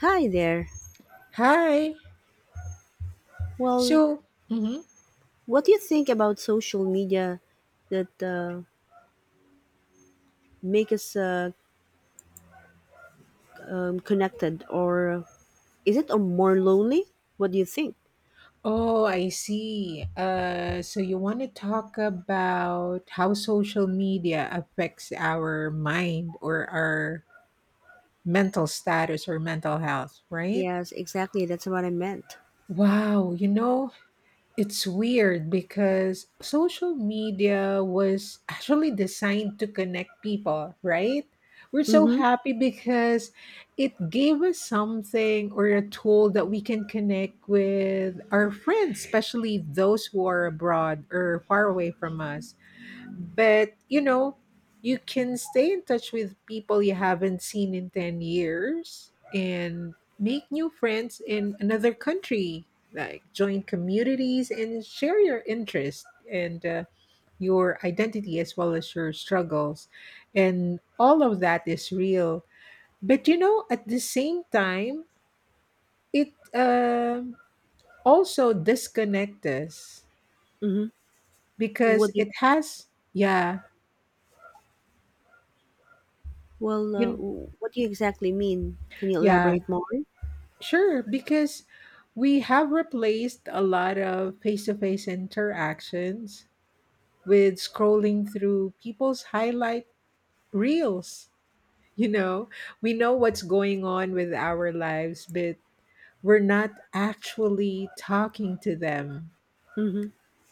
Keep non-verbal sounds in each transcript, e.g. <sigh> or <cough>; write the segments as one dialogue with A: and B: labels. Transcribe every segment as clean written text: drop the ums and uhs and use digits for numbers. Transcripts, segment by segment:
A: Hi there.
B: Hi.
A: Well,
B: So, mhm.
A: what do you think about social media that make us connected, or is it a more lonely? What do you think?
B: Oh, I see. So you want to talk about how social media affects our mind or our mental status or mental health, right?
A: Yes, exactly. That's what I meant.
B: Wow, it's weird because social media was actually designed to connect people, right? We're so
A: Mm-hmm.
B: happy because it gave us something or a tool that we can connect with our friends, especially those who are abroad or far away from us. But, you can stay in touch with people you haven't seen in 10 years and make new friends in another country, like join communities and share your interests and your identity as well as your struggles. And all of that is real. But, at the same time, it also disconnects us
A: Mm-hmm.
B: because
A: What do you,
B: it has, yeah,
A: well,
B: you,
A: what do you exactly mean? Can you
B: yeah,
A: elaborate more?
B: sure, because we have replaced a lot of face to face interactions with scrolling through people's highlight reels. You know, we know what's going on with our lives, but we're not actually talking to them.
A: Mm-hmm.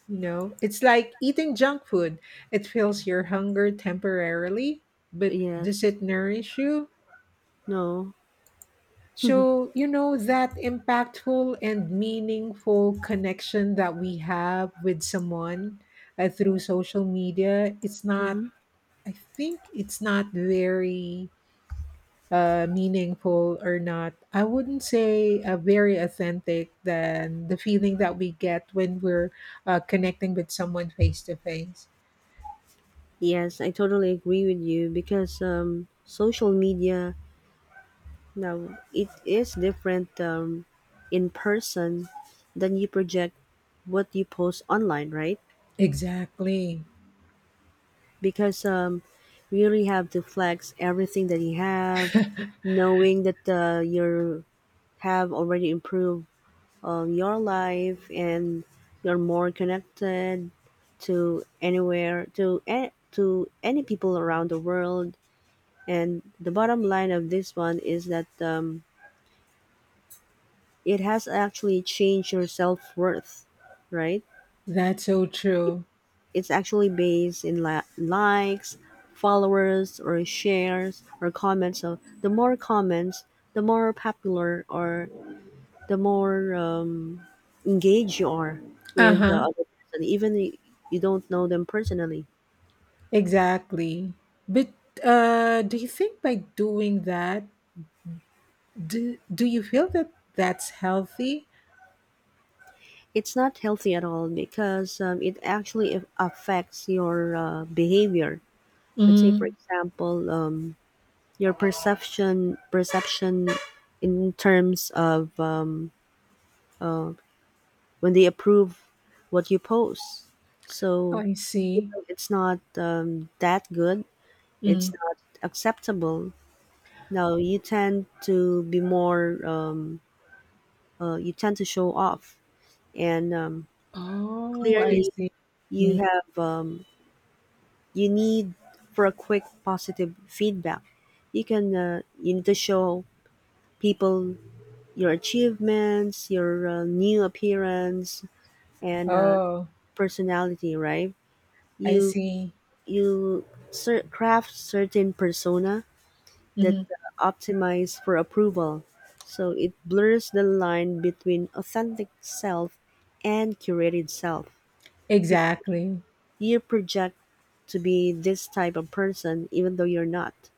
B: You know, it's like eating junk food, it fills your hunger temporarily, but does
A: Yes.
B: it nourish you?
A: No. <laughs>
B: So, you know, that impactful and meaningful connection that we have with someone through social media, it's not,
A: Mm-hmm.
B: I think it's not very meaningful or not, I wouldn't say very authentic than the feeling that we get when we're connecting with someone face to face.
A: Yes, I totally agree with you because social media now, it is different, in person than you project what you post online, right?
B: Exactly.
A: Because you really have to flex everything that you have, knowing that you have already improved, your life, and you're more connected to anywhere, to any people around the world. And the bottom line of this one is that, it has actually changed your self worth, right?
B: That's so true.
A: It's actually based in likes, followers, or shares, or comments. So the more comments, the more popular, or the more, engaged you are
B: Uh
A: with the
B: huh.
A: other person, even if you don't know them personally.
B: Exactly. But do you think by doing that, do you feel that that's healthy?
A: It's not healthy at all because it actually affects your behavior. Let's say, for
B: Mm,
A: example, your perception in terms of, when they approve what you post. So
B: I
A: even
B: see.
A: though it's not, that good, it's
B: Mm.
A: not acceptable. Now you tend to be more, you tend to show off, and
B: Oh, I
A: clearly,
B: see.
A: you
B: Mm.
A: have, you need for a quick positive feedback. You can, you need to show people your achievements, your new appearance, and
B: Oh,
A: personality, right?
B: I
A: You
B: see.
A: you craft certain persona that
B: Mhm.
A: optimize for approval, so it blurs the line between authentic self and curated self. Be-
B: Exactly.
A: You project to be this type of person, even though you're not.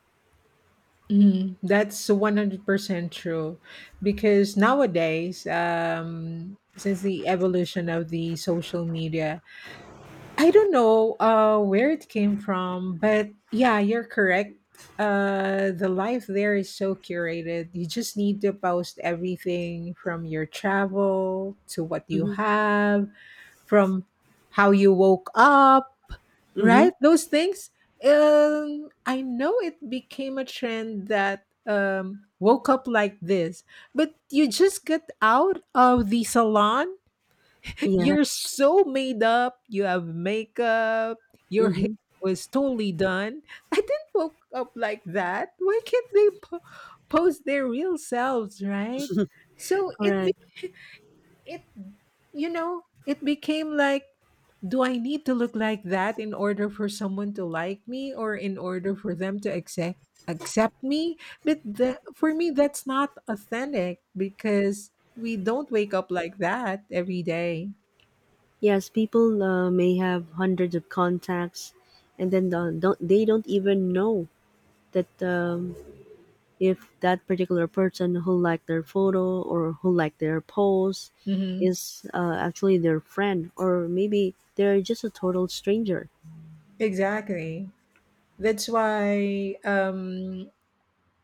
B: Mhm. That's 100% true. Because nowadays, since the evolution of the social media, I don't know where it came from, but yeah, you're correct. The life there is so curated. You just need to post everything from your travel to what you
A: Mm-hmm.
B: have, from how you woke up,
A: Mm-hmm.
B: right? Those things. I know it became a trend that woke up like this, but you just get out of the salon,
A: Yeah.
B: you're so made up. You have makeup. Your hair
A: Mm-hmm.
B: was totally done. I didn't woke up like that. Why can't they post their real selves, right? So it
A: Correct.
B: it you know it became like, do I need to look like that in order for someone to like me or in order for them to accept me, but the, for me that's not authentic because we don't wake up like that every day.
A: Yes, people may have hundreds of contacts, and then they don't even know that, if that particular person who liked their photo or who liked their post
B: Mm-hmm.
A: is actually their friend, or maybe they're just a total stranger.
B: Exactly. That's why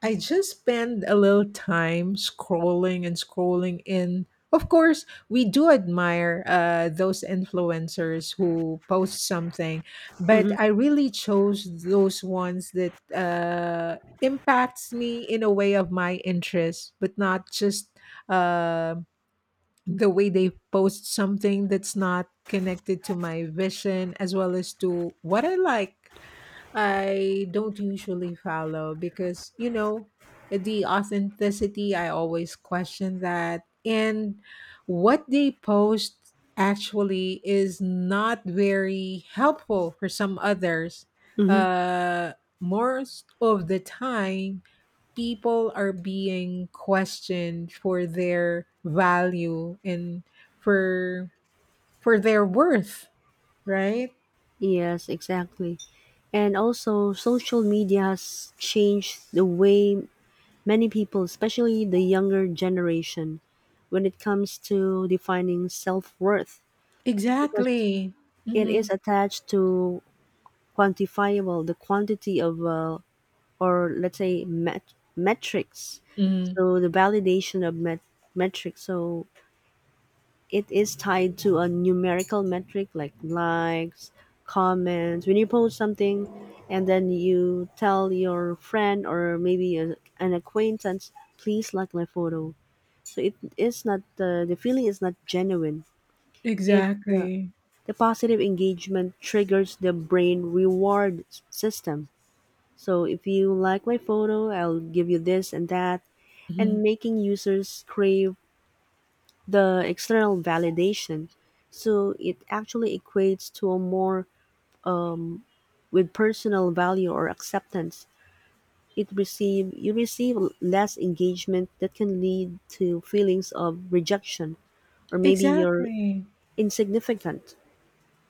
B: I just spend a little time scrolling and scrolling in. Of course, we do admire those influencers who post something, but
A: Hmm.
B: I really chose those ones that impacts me in a way of my interest, but not just uh, the way they post something that's not connected to my vision as well as to what I like. I don't usually follow because, the authenticity, I always question that. And what they post actually is not very helpful for some others.
A: Hmm.
B: Uh, most of the time, people are being questioned for their value and for for their worth, right?
A: Yes, exactly. And also, social media has changed the way many people, especially the younger generation, when it comes to defining self worth. Because
B: Exactly.
A: it
B: Mm-hmm.
A: is attached to quantifiable the quantity of, or let's say, metrics. So the validation of metrics, so it is tied to a numerical metric like likes, comments. When you post something and then you tell your friend or maybe an acquaintance, please like my photo, so it is not, the feeling is not genuine. It Yeah,
B: Exactly.
A: the positive engagement triggers the brain reward system. So if you like my photo, I'll give you this and that, and
B: Mhm.
A: making users crave the external validation. So it actually equates to a more with personal value or acceptance. It receive You receive less engagement that can lead to feelings of rejection, or maybe you're
B: Exactly.
A: insignificant.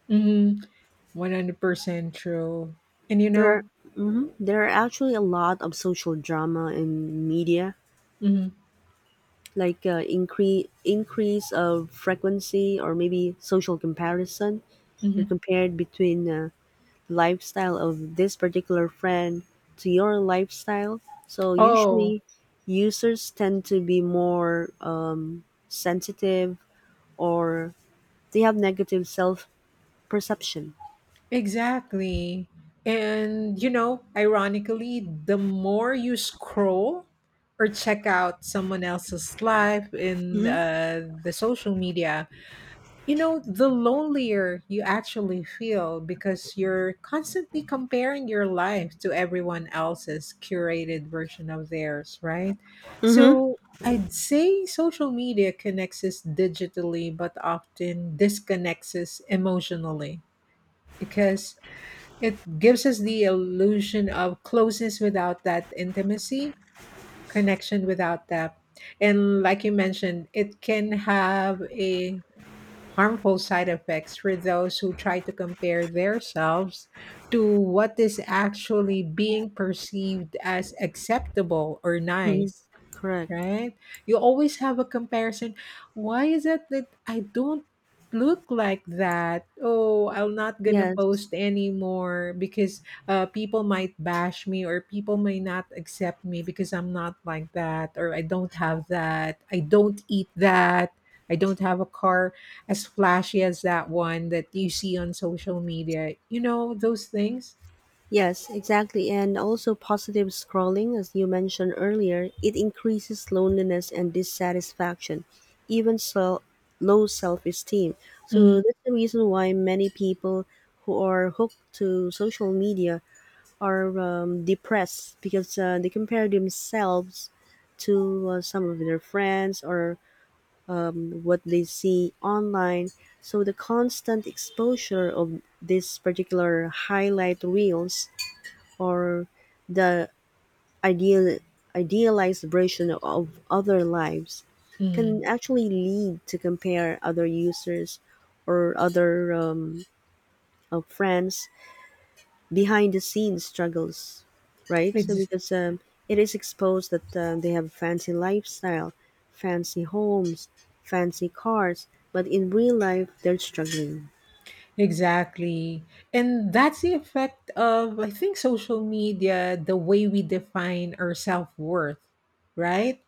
B: Mhm. 100% true. And you
A: There,
B: know,
A: mhm. There are actually a lot of social drama in media,
B: Mhm.
A: like, increase of frequency or maybe social comparison. They are
B: Mhm.
A: compared between, lifestyle of this particular friend to your lifestyle. So
B: Oh,
A: usually, users tend to be more, sensitive, or they have negative self perception.
B: exactly. And ironically, the more you scroll or check out someone else's life in
A: Mm-hmm.
B: the social media, the lonelier you actually feel because you're constantly comparing your life to everyone else's curated version of theirs, right?
A: Mm-hmm.
B: So I'd say social media connects us digitally, but often disconnects us emotionally because it gives us the illusion of closeness without that intimacy, connection without that. And like you mentioned, it can have a harmful side effects for those who try to compare themselves to what is actually being perceived as acceptable or nice,
A: Mm-hmm. Correct.
B: right? You always have a comparison. Why is it that I don't look like that? Oh, I'm not gonna
A: Yes.
B: post anymore because people might bash me or people may not accept me because I'm not like that or I don't have that. I don't eat that. I don't have a car as flashy as that one that you see on social media. You know those things.
A: Yes, exactly. And also positive scrolling, as you mentioned earlier, it increases loneliness and dissatisfaction, even so low self-esteem. So that's the reason why many people who are hooked to social media are, depressed because, they compare themselves to, some of their friends or what they see online. So the constant exposure of this particular highlight reels, or the ideal idealized version of other lives
B: Mm-hmm.
A: can actually lead to compare other users or other, of friends, behind the scenes struggles, right? So because, it is exposed that, they have fancy lifestyle, fancy homes, fancy cars, but in real life they're struggling.
B: Exactly. And that's the effect of, I think, social media, the way we define our self worth, right?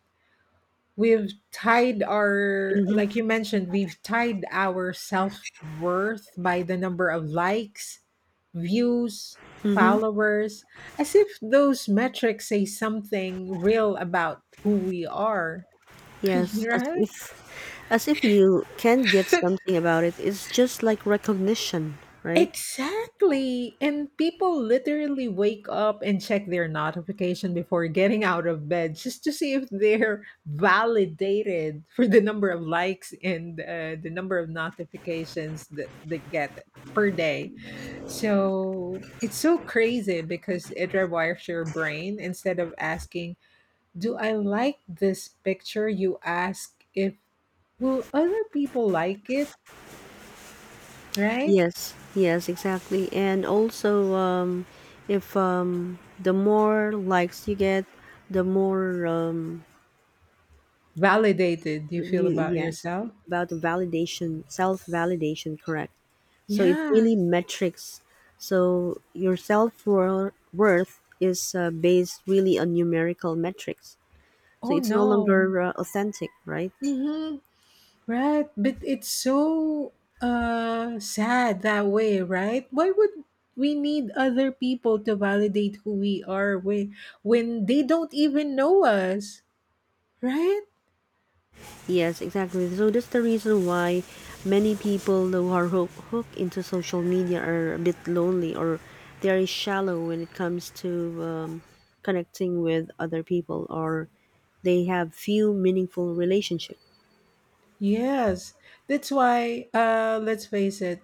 B: We've tied our, like
A: Hmm.
B: you mentioned, we've tied our self worth by the number of likes, views,
A: Hmm.
B: followers, as if those metrics say something real about who we are, <laughs>
A: Yes, as
B: right?
A: if As if you can't get something about it. It's just like recognition, right?
B: Exactly. And people literally wake up and check their notification before getting out of bed just to see if they're validated for the number of likes and the number of notifications that they get per day. So it's so crazy because it rewires your brain. Instead of asking, do I like this picture? You ask if, will other people like it? Right?
A: Yes, yes, exactly. And also, if, the more likes you get, the more,
B: Validated, you feel
A: you
B: about
A: yes,
B: yourself?
A: about the validation, self validation, correct? So it's
B: Yeah.
A: really metrics. So your self worth is, based really on numerical metrics. So
B: Oh,
A: it's no
B: no.
A: longer, authentic, right?
B: Mm-hmm. Right. But it's so sad that way, right? Why would we need other people to validate who we are when they don't even know us, right?
A: Yes, exactly. So that's the reason why many people who are hooked into social media are a bit lonely, or they are shallow when it comes to, connecting with other people, or they have few meaningful relationships.
B: Yes. That's why let's face it.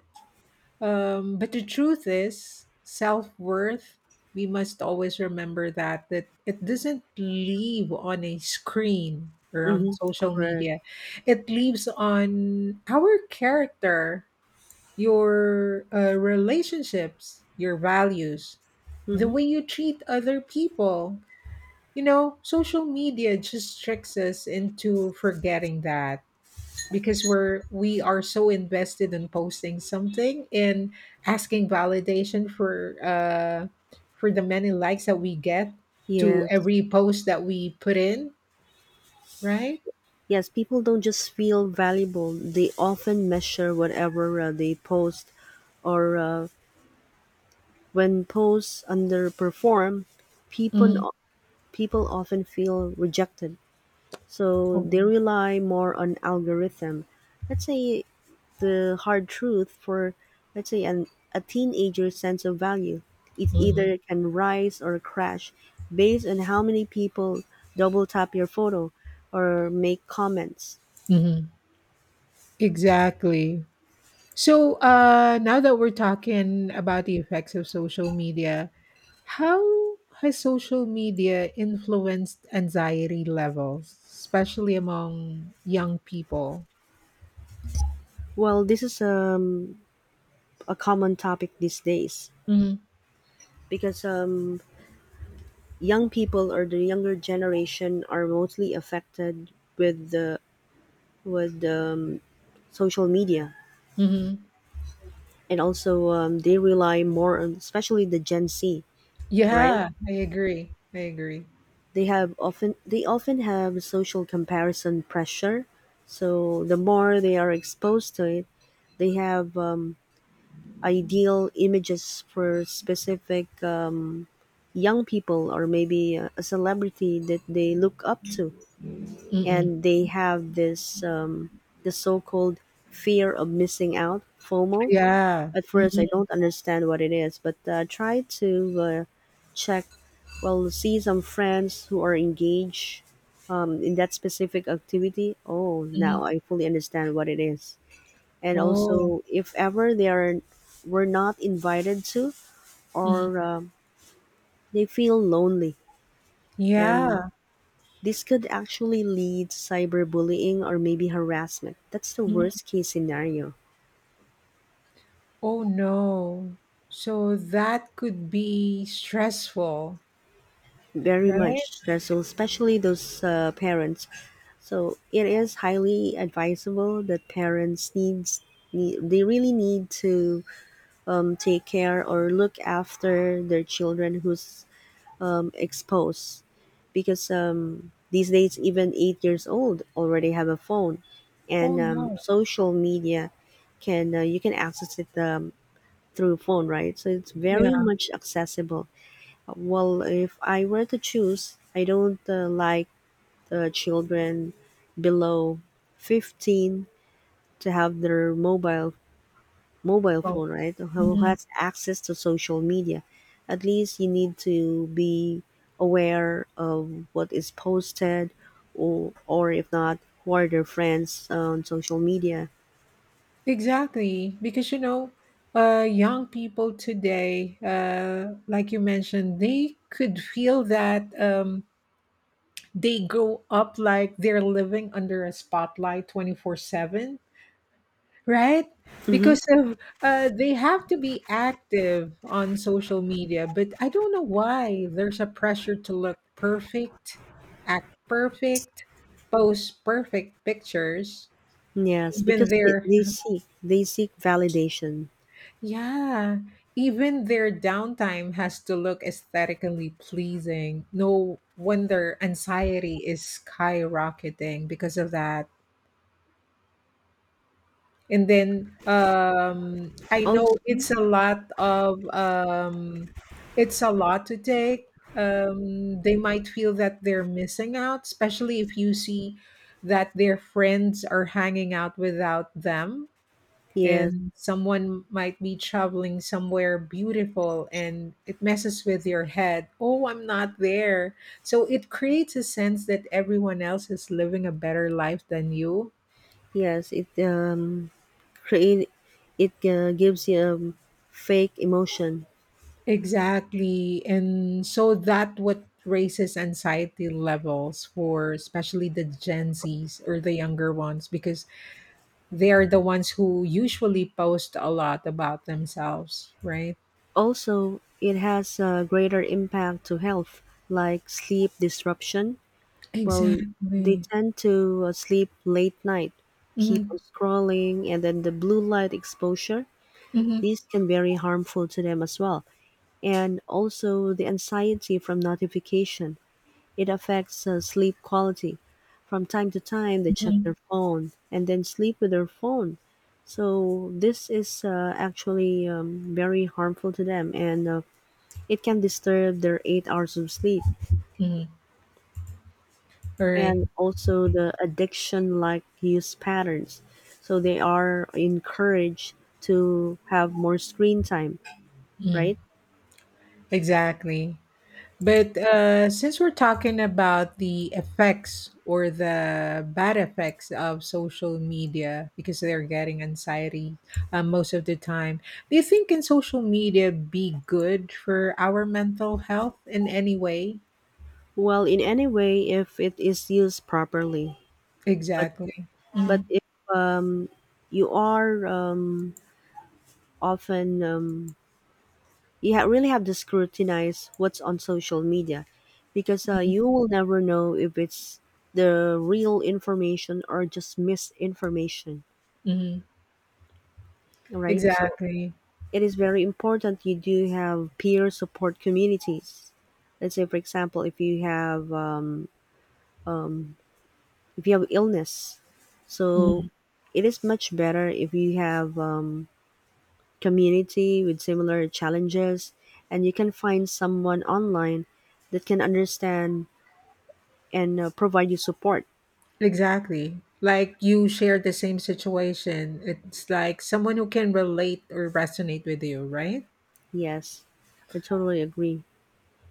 B: But the truth is, self worth, we must always remember that, that it doesn't live on a screen or on
A: Mm-hmm.
B: social
A: Correct.
B: media. It lives on our character, your relationships, your values, the
A: Mm-hmm.
B: way you treat other people. You know, social media just tricks us into forgetting that because we are so invested in posting something and asking validation for the many likes that we get to
A: Yes.
B: every post that we put in, right?
A: Yes, people don't just feel valuable. They often measure whatever they post, or when posts underperform,
B: Hmm.
A: people people often feel rejected. So they rely more on algorithm. Let's say the hard truth for, let's say, a teenager's sense of value. It
B: Hmm.
A: either can rise or crash based on how many people double tap your photo or make comments.
B: Hmm. Exactly. So now that we're talking about the effects of social media, how has social media influenced anxiety levels, especially among young people?
A: Well, this is, a common topic these days because, young people or the younger generation are mostly affected with the with, social media,
B: Hmm.
A: and also, they rely more on, especially the Gen Z, right?
B: Yeah, I agree, I agree.
A: They often have social comparison pressure, so the more they are exposed to it, they have, ideal images for specific, young people, or maybe a celebrity that they look up to, and
B: Mm.
A: they have this, the so-called fear of missing out, FOMO.
B: Yeah.
A: At first, I
B: Mhm,
A: don't understand what it is, but, try to, uh, check, well, see some friends who are engaged, in that specific activity. Oh,
B: mhm.
A: now I fully understand what it is. And
B: Oh,
A: also, if ever they are were not invited to,
B: mhm,
A: or, they feel lonely, and
B: yeah.
A: this could actually lead to cyberbullying or maybe harassment. That's the
B: Mhm.
A: worst case scenario.
B: Oh, no. So that could be stressful,
A: Very
B: right?
A: much stressful, especially those, parents. So it is highly advisable that parents, they really need to, take care or look after their children who's, exposed, because, these days even 8 years old already have a phone,
B: Oh,
A: and,
B: no.
A: social media can, you can access it, through phone, right? So it's
B: Yeah.
A: very much accessible. Well, if I were to choose, I don't, like the children below 15 to have their mobile
B: Oh,
A: phone, right? Who
B: mhm.
A: has access to social media. At least you need to be aware of what is posted, or, if not, who are their friends on social media.
B: Exactly, because, you know, young people today, like you mentioned, they could feel that, they grow up like they're living under a spotlight 24/7. Right?
A: Hmm.
B: Because of they have to be active on social media, but I don't know why there's a pressure to look perfect, act perfect, post perfect pictures.
A: Yes, because
B: Even
A: they,
B: their
A: they seek they seek validation.
B: yeah, even their downtime has to look aesthetically pleasing. No wonder anxiety is skyrocketing because of that. And then I know it's
A: Also,
B: a lot of it's a lot to take. They might feel that they're missing out, especially if you see that their friends are hanging out without them,
A: yes,
B: and someone might be traveling somewhere beautiful, and it messes with your head. Oh, I'm not there. So it creates a sense that everyone else is living a better life than you.
A: yes, It it gives you a fake emotion.
B: Exactly. And so that what raises anxiety levels for especially the Gen Zs or the younger ones because they are the ones who usually post a lot about themselves, right?
A: Also, it has a greater impact to health, like sleep disruption. Well, they
B: Exactly.
A: tend to, sleep late night, keep
B: Mm-hmm.
A: on scrolling, and then the blue light exposure.
B: Mm-hmm.
A: These can very harmful to them as well, and also the anxiety from notification. It affects, sleep quality. From time to time, they check
B: Mm-hmm.
A: their phone and then sleep with their phone. So this is, actually, very harmful to them, and, it can disturb their 8 hours of sleep,
B: All right.
A: and also the addiction-like use patterns. So they are encouraged to have more screen time,
B: Mm.
A: right?
B: Exactly. But since we're talking about the effects or the bad effects of social media because they're getting anxiety most of the time, do you think can social media be good for our mental health in any way?
A: Well, in any way, if it is used properly, but
B: Exactly. Hmm.
A: if you are, often, you really have to scrutinize what's on social media, because, you will never know if it's the real information or just misinformation,
B: Hmm.
A: right? So
B: Exactly.
A: it is very important. You do have peer support communities. Let's say, for example, if you have illness, so
B: Mhm.
A: it is much better if you have, community with similar challenges, and you can find someone online that can understand and, provide you support.
B: Exactly. Like you shared the same situation. It's like someone who can relate or resonate with you, right?
A: Yes, I totally agree.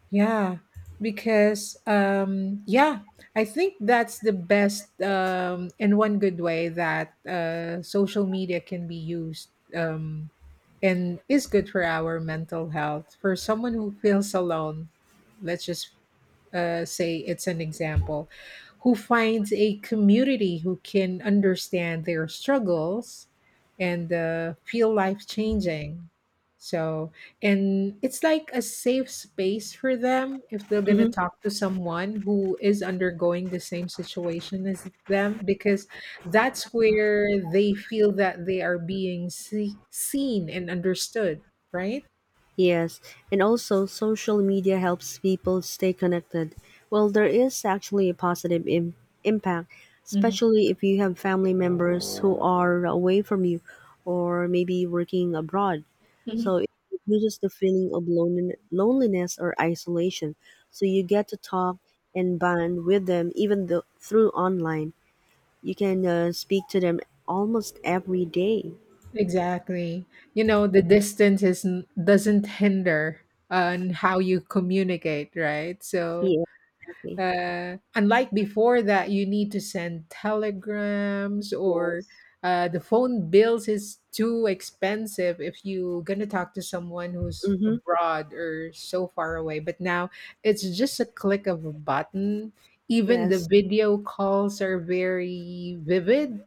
B: Yeah, because yeah, I think that's the best and one good way that social media can be used and is good for our mental health. For someone who feels alone, let's just say it's an example, who finds a community who can understand their struggles and feel life changing. So, and it's like a safe space for them if they're going to
A: Hmm.
B: talk to someone who is undergoing the same situation as them, because that's where they feel that they are being seen and understood, right?
A: Yes, and also social media helps people stay connected. Well, there is actually a positive impact,
B: Hmm.
A: especially if you have family members who are away from you or maybe working abroad. So it reduces the feeling of loneliness or isolation. So you get to talk and bond with them even though through online. You can, speak to them almost every day.
B: Exactly. You know, the distance is doesn't hinder on how you communicate, right? So,
A: Yeah, exactly.
B: unlike before that, you need to send telegrams or
A: Yes.
B: the phone bills is too expensive if you gonna talk to someone who's
A: Mm-hmm.
B: abroad or so far away. But now it's just a click of a button. Even the
A: Yes.
B: video calls are very vivid,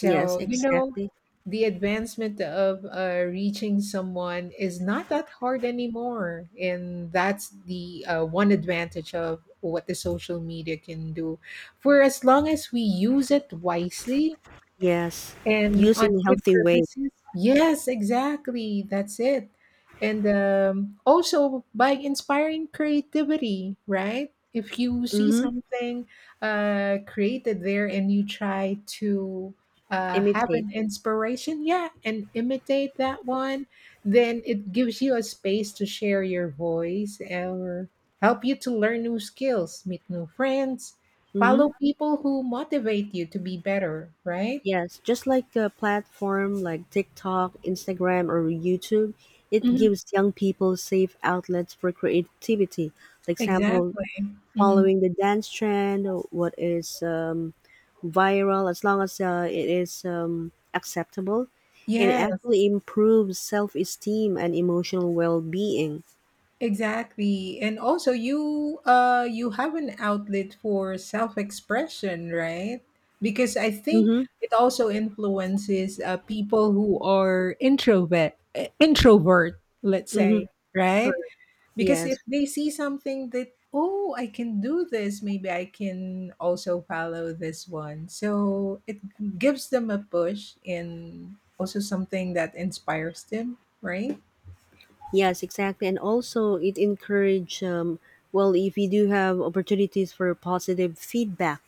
A: Yes,
B: you know,
A: exactly.
B: the advancement of reaching someone is not that hard anymore. And that's the one advantage of what the social media can do. For as long as we use it wisely,
A: Yes.
B: and
A: Use
B: on
A: in a
B: good
A: healthy way.
B: purposes. Yes, exactly. That's it. And also by inspiring creativity, right? If you see
A: Mm-hmm.
B: something created there and you try to have
A: Imitate.
B: an inspiration, yeah, and imitate that one, then it gives you a space to share your voice or help you to learn new skills, meet new friends,
A: Mm-hmm.
B: follow people who motivate you to be better, right?
A: Yes, just like a platform like TikTok, Instagram, or YouTube, it gives young people safe outlets for creativity. For example,
B: Exactly. Mhm.
A: following the dance trend, what is, viral, as long as, it is, acceptable, it
B: Yes,
A: actually improves self esteem and emotional well being.
B: exactly. And also you have an outlet for self-expression, right? Because I think
A: Mm-hmm,
B: it also influences people who are introvert, let's
A: mm-hmm.
B: say, right?
A: Correct.
B: Because if
A: Yes.
B: they see something that, oh, I can do this, maybe I can also follow this one. So it gives them a push and also something that inspires them, right?
A: Yes, exactly. And also, it encourage, well, if you do have opportunities for positive feedback,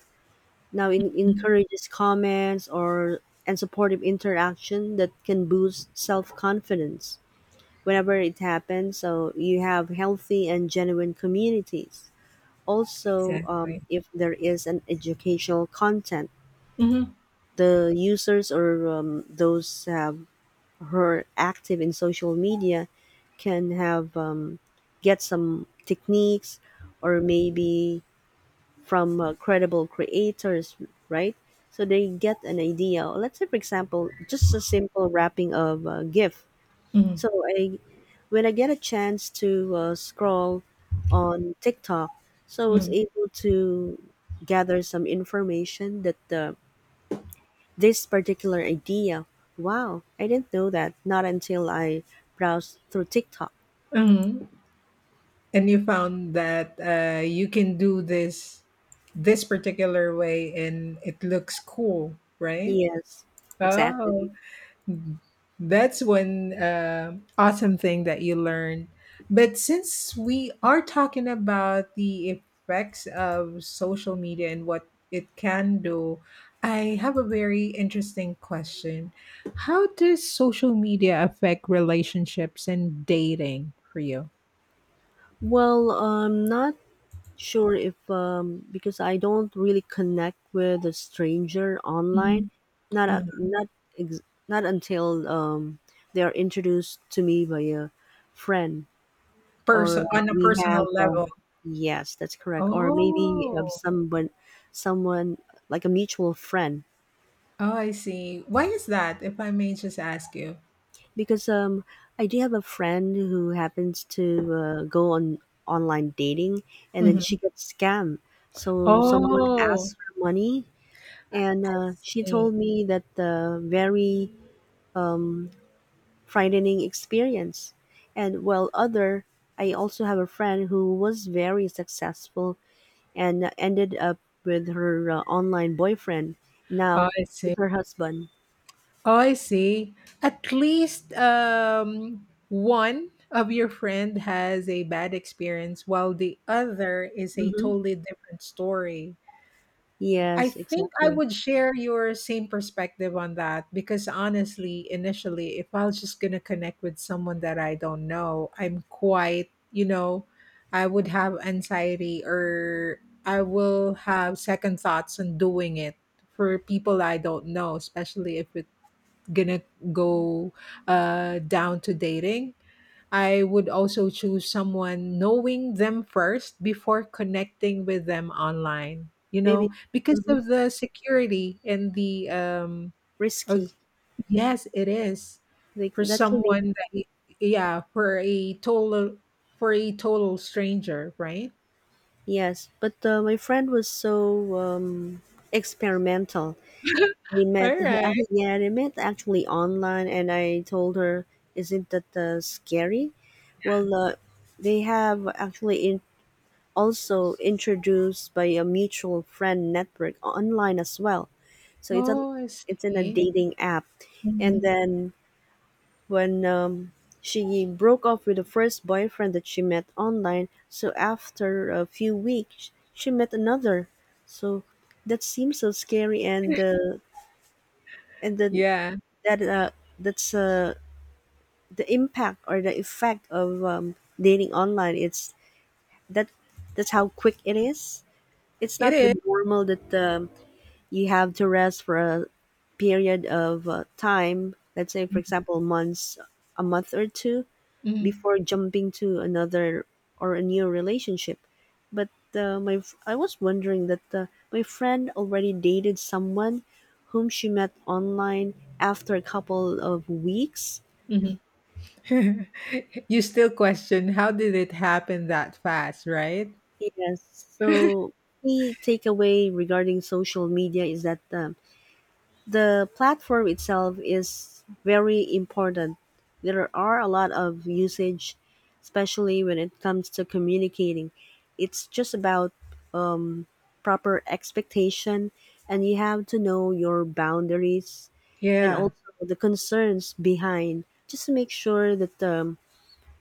A: now it
B: Mm,
A: encourages comments, or and supportive interaction that can boost self confidence whenever it happens. So you have healthy and genuine communities. Also,
B: exactly.
A: if there is an educational content,
B: Mhm,
A: the users, or, those have who are active in social media can have get some techniques, or maybe from, credible creators, right? So they get an idea. Let's say, for example, just a simple wrapping of a gif.
B: mhm,
A: So I when I get a chance to, scroll on TikTok, so I was
B: mhm,
A: able to gather some information that, this particular idea, wow, I didn't know that, not until I browsed through TikTok.
B: mhm. And you found that you can do this particular way, and it looks cool, right?
A: Yes, exactly.
B: Oh, mhm. That's one awesome thing that you learned. But since we are talking about the effects of social media and what it can do, I have a very interesting question. How does social media affect relationships and dating for you?
A: Well, I'm not sure if, because I don't really connect with a stranger online.
B: Mhm.
A: Not
B: Uh,
A: a- not ex- not until, they are introduced to me by a friend, or,
B: person on a
A: we have.
B: personal level.
A: Yes, that's correct. Or maybe,
B: Oh,
A: someone like a mutual friend.
B: oh, I see. Why is that? If I may just ask you.
A: Because, I do have a friend who happens to, go on online dating, and then she
B: Mhm.
A: gets scammed. So someone
B: Oh.
A: asked her money, and, she
B: See.
A: told me that the very, um, frightening experience. And while other, I also have a friend who was very successful and ended up with her, online boyfriend.
B: I
A: Now
B: see.
A: it's her husband.
B: I see. At least one of your friend has a bad experience, while the other is a
A: Hmm.
B: totally different story. I
A: Yes,
B: think I
A: exactly.
B: would share your same perspective on that because honestly, initially, if I was just going to connect with someone that I don't know, I'm quite, you know, I would have anxiety or I will have second thoughts on doing it for people I don't know, especially if it's going to go down to dating. I would also choose someone knowing them first before connecting with them online, you
A: Maybe
B: know, because
A: hmm
B: of the security and the, oh,
A: risky.
B: yes, it is
A: Like
B: for
A: that can be,
B: someone that, yeah, for a total stranger, right?
A: yes, but, my friend was so, experimental. They
B: All
A: met,
B: right.
A: <laughs> yeah, they met actually online, and I told her, "Isn't that, scary?" Well, they have actually also introduced by a mutual friend network online as well. So
B: Oh, I
A: it's in a
B: see.
A: dating app, and
B: Mhm.
A: then when, she broke off with the first boyfriend that she met online. So after a few weeks, she met another. So that seems so scary, and, and then
B: Yeah,
A: that uh, that's, the impact or the effect of, dating online. It's that, that's how quick it is. It's
B: it
A: not the
B: is.
A: normal that, you have to rest for a period of, time. Let's say, for example, months, a month or two
B: Mhm.
A: before jumping to another, or a new relationship. But, I was wondering that, my friend already dated someone whom she met online after a couple of weeks.
B: Mhm. <laughs> You still question how did it happen that fast, right?
A: Yes. So the takeaway regarding social media is that, the platform itself is very important. There are a lot of usage, especially when it comes to communicating. It's just about, um, proper expectation, and you have to know your boundaries and
B: Yeah.
A: also the concerns behind, just to make sure that,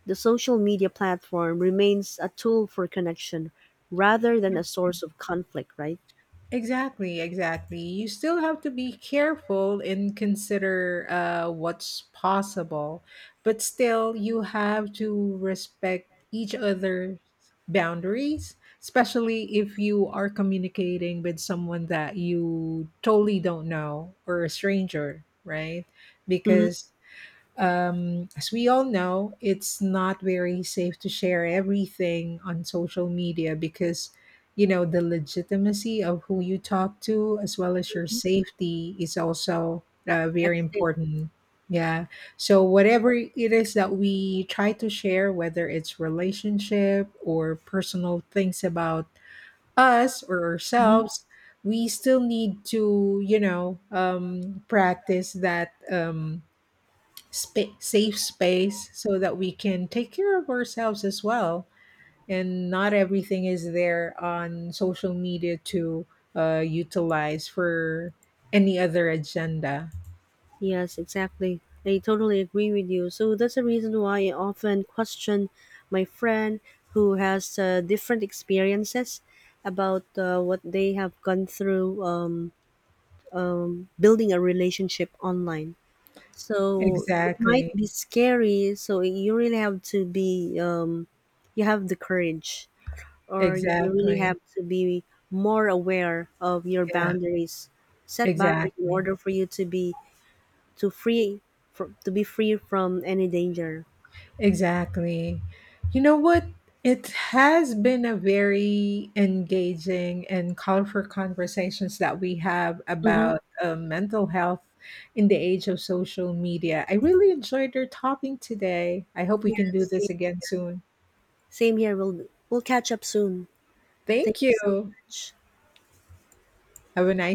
A: the social media platform remains a tool for connection rather than a source of conflict, right?
B: Exactly, exactly. Exactly. You still have to be careful and consider what's possible, but still, you have to respect each other's boundaries, especially if you are communicating with someone that you totally don't know or a stranger, right?
A: Mm-hmm.
B: Because as we all know, it's not very safe to share everything on social media because, you know, the legitimacy of who you talk to, as well as your safety, is also very
A: That's it.
B: important. Yeah. So, whatever it is that we try to share, whether it's relationship or personal things about us or ourselves, we still need to, you know, practice that. Safe space so that we can take care of ourselves as well. And not everything is there on social media to utilize for any other agenda.
A: Yes, exactly. I totally agree with you. So that's the reason why I often question my friend who has, different experiences about, what they have gone through, building a relationship online. So it might
B: Exactly.
A: be scary. So you really have to be, you have the courage, or you really
B: Exactly.
A: have to be more aware of your
B: Yeah,
A: boundaries. Set boundaries in
B: exactly.
A: order for you to free to be free from any danger.
B: Exactly. You know what? It has been a very engaging and colorful conversations that we have
A: Mm-hmm.
B: about mental health in the age of social media. I really enjoyed our topic today. I hope we
A: Yeah,
B: can do this again soon.
A: same here. We'll catch up soon. Thank you
B: Thank
A: so
B: you.
A: much.
B: Have a nice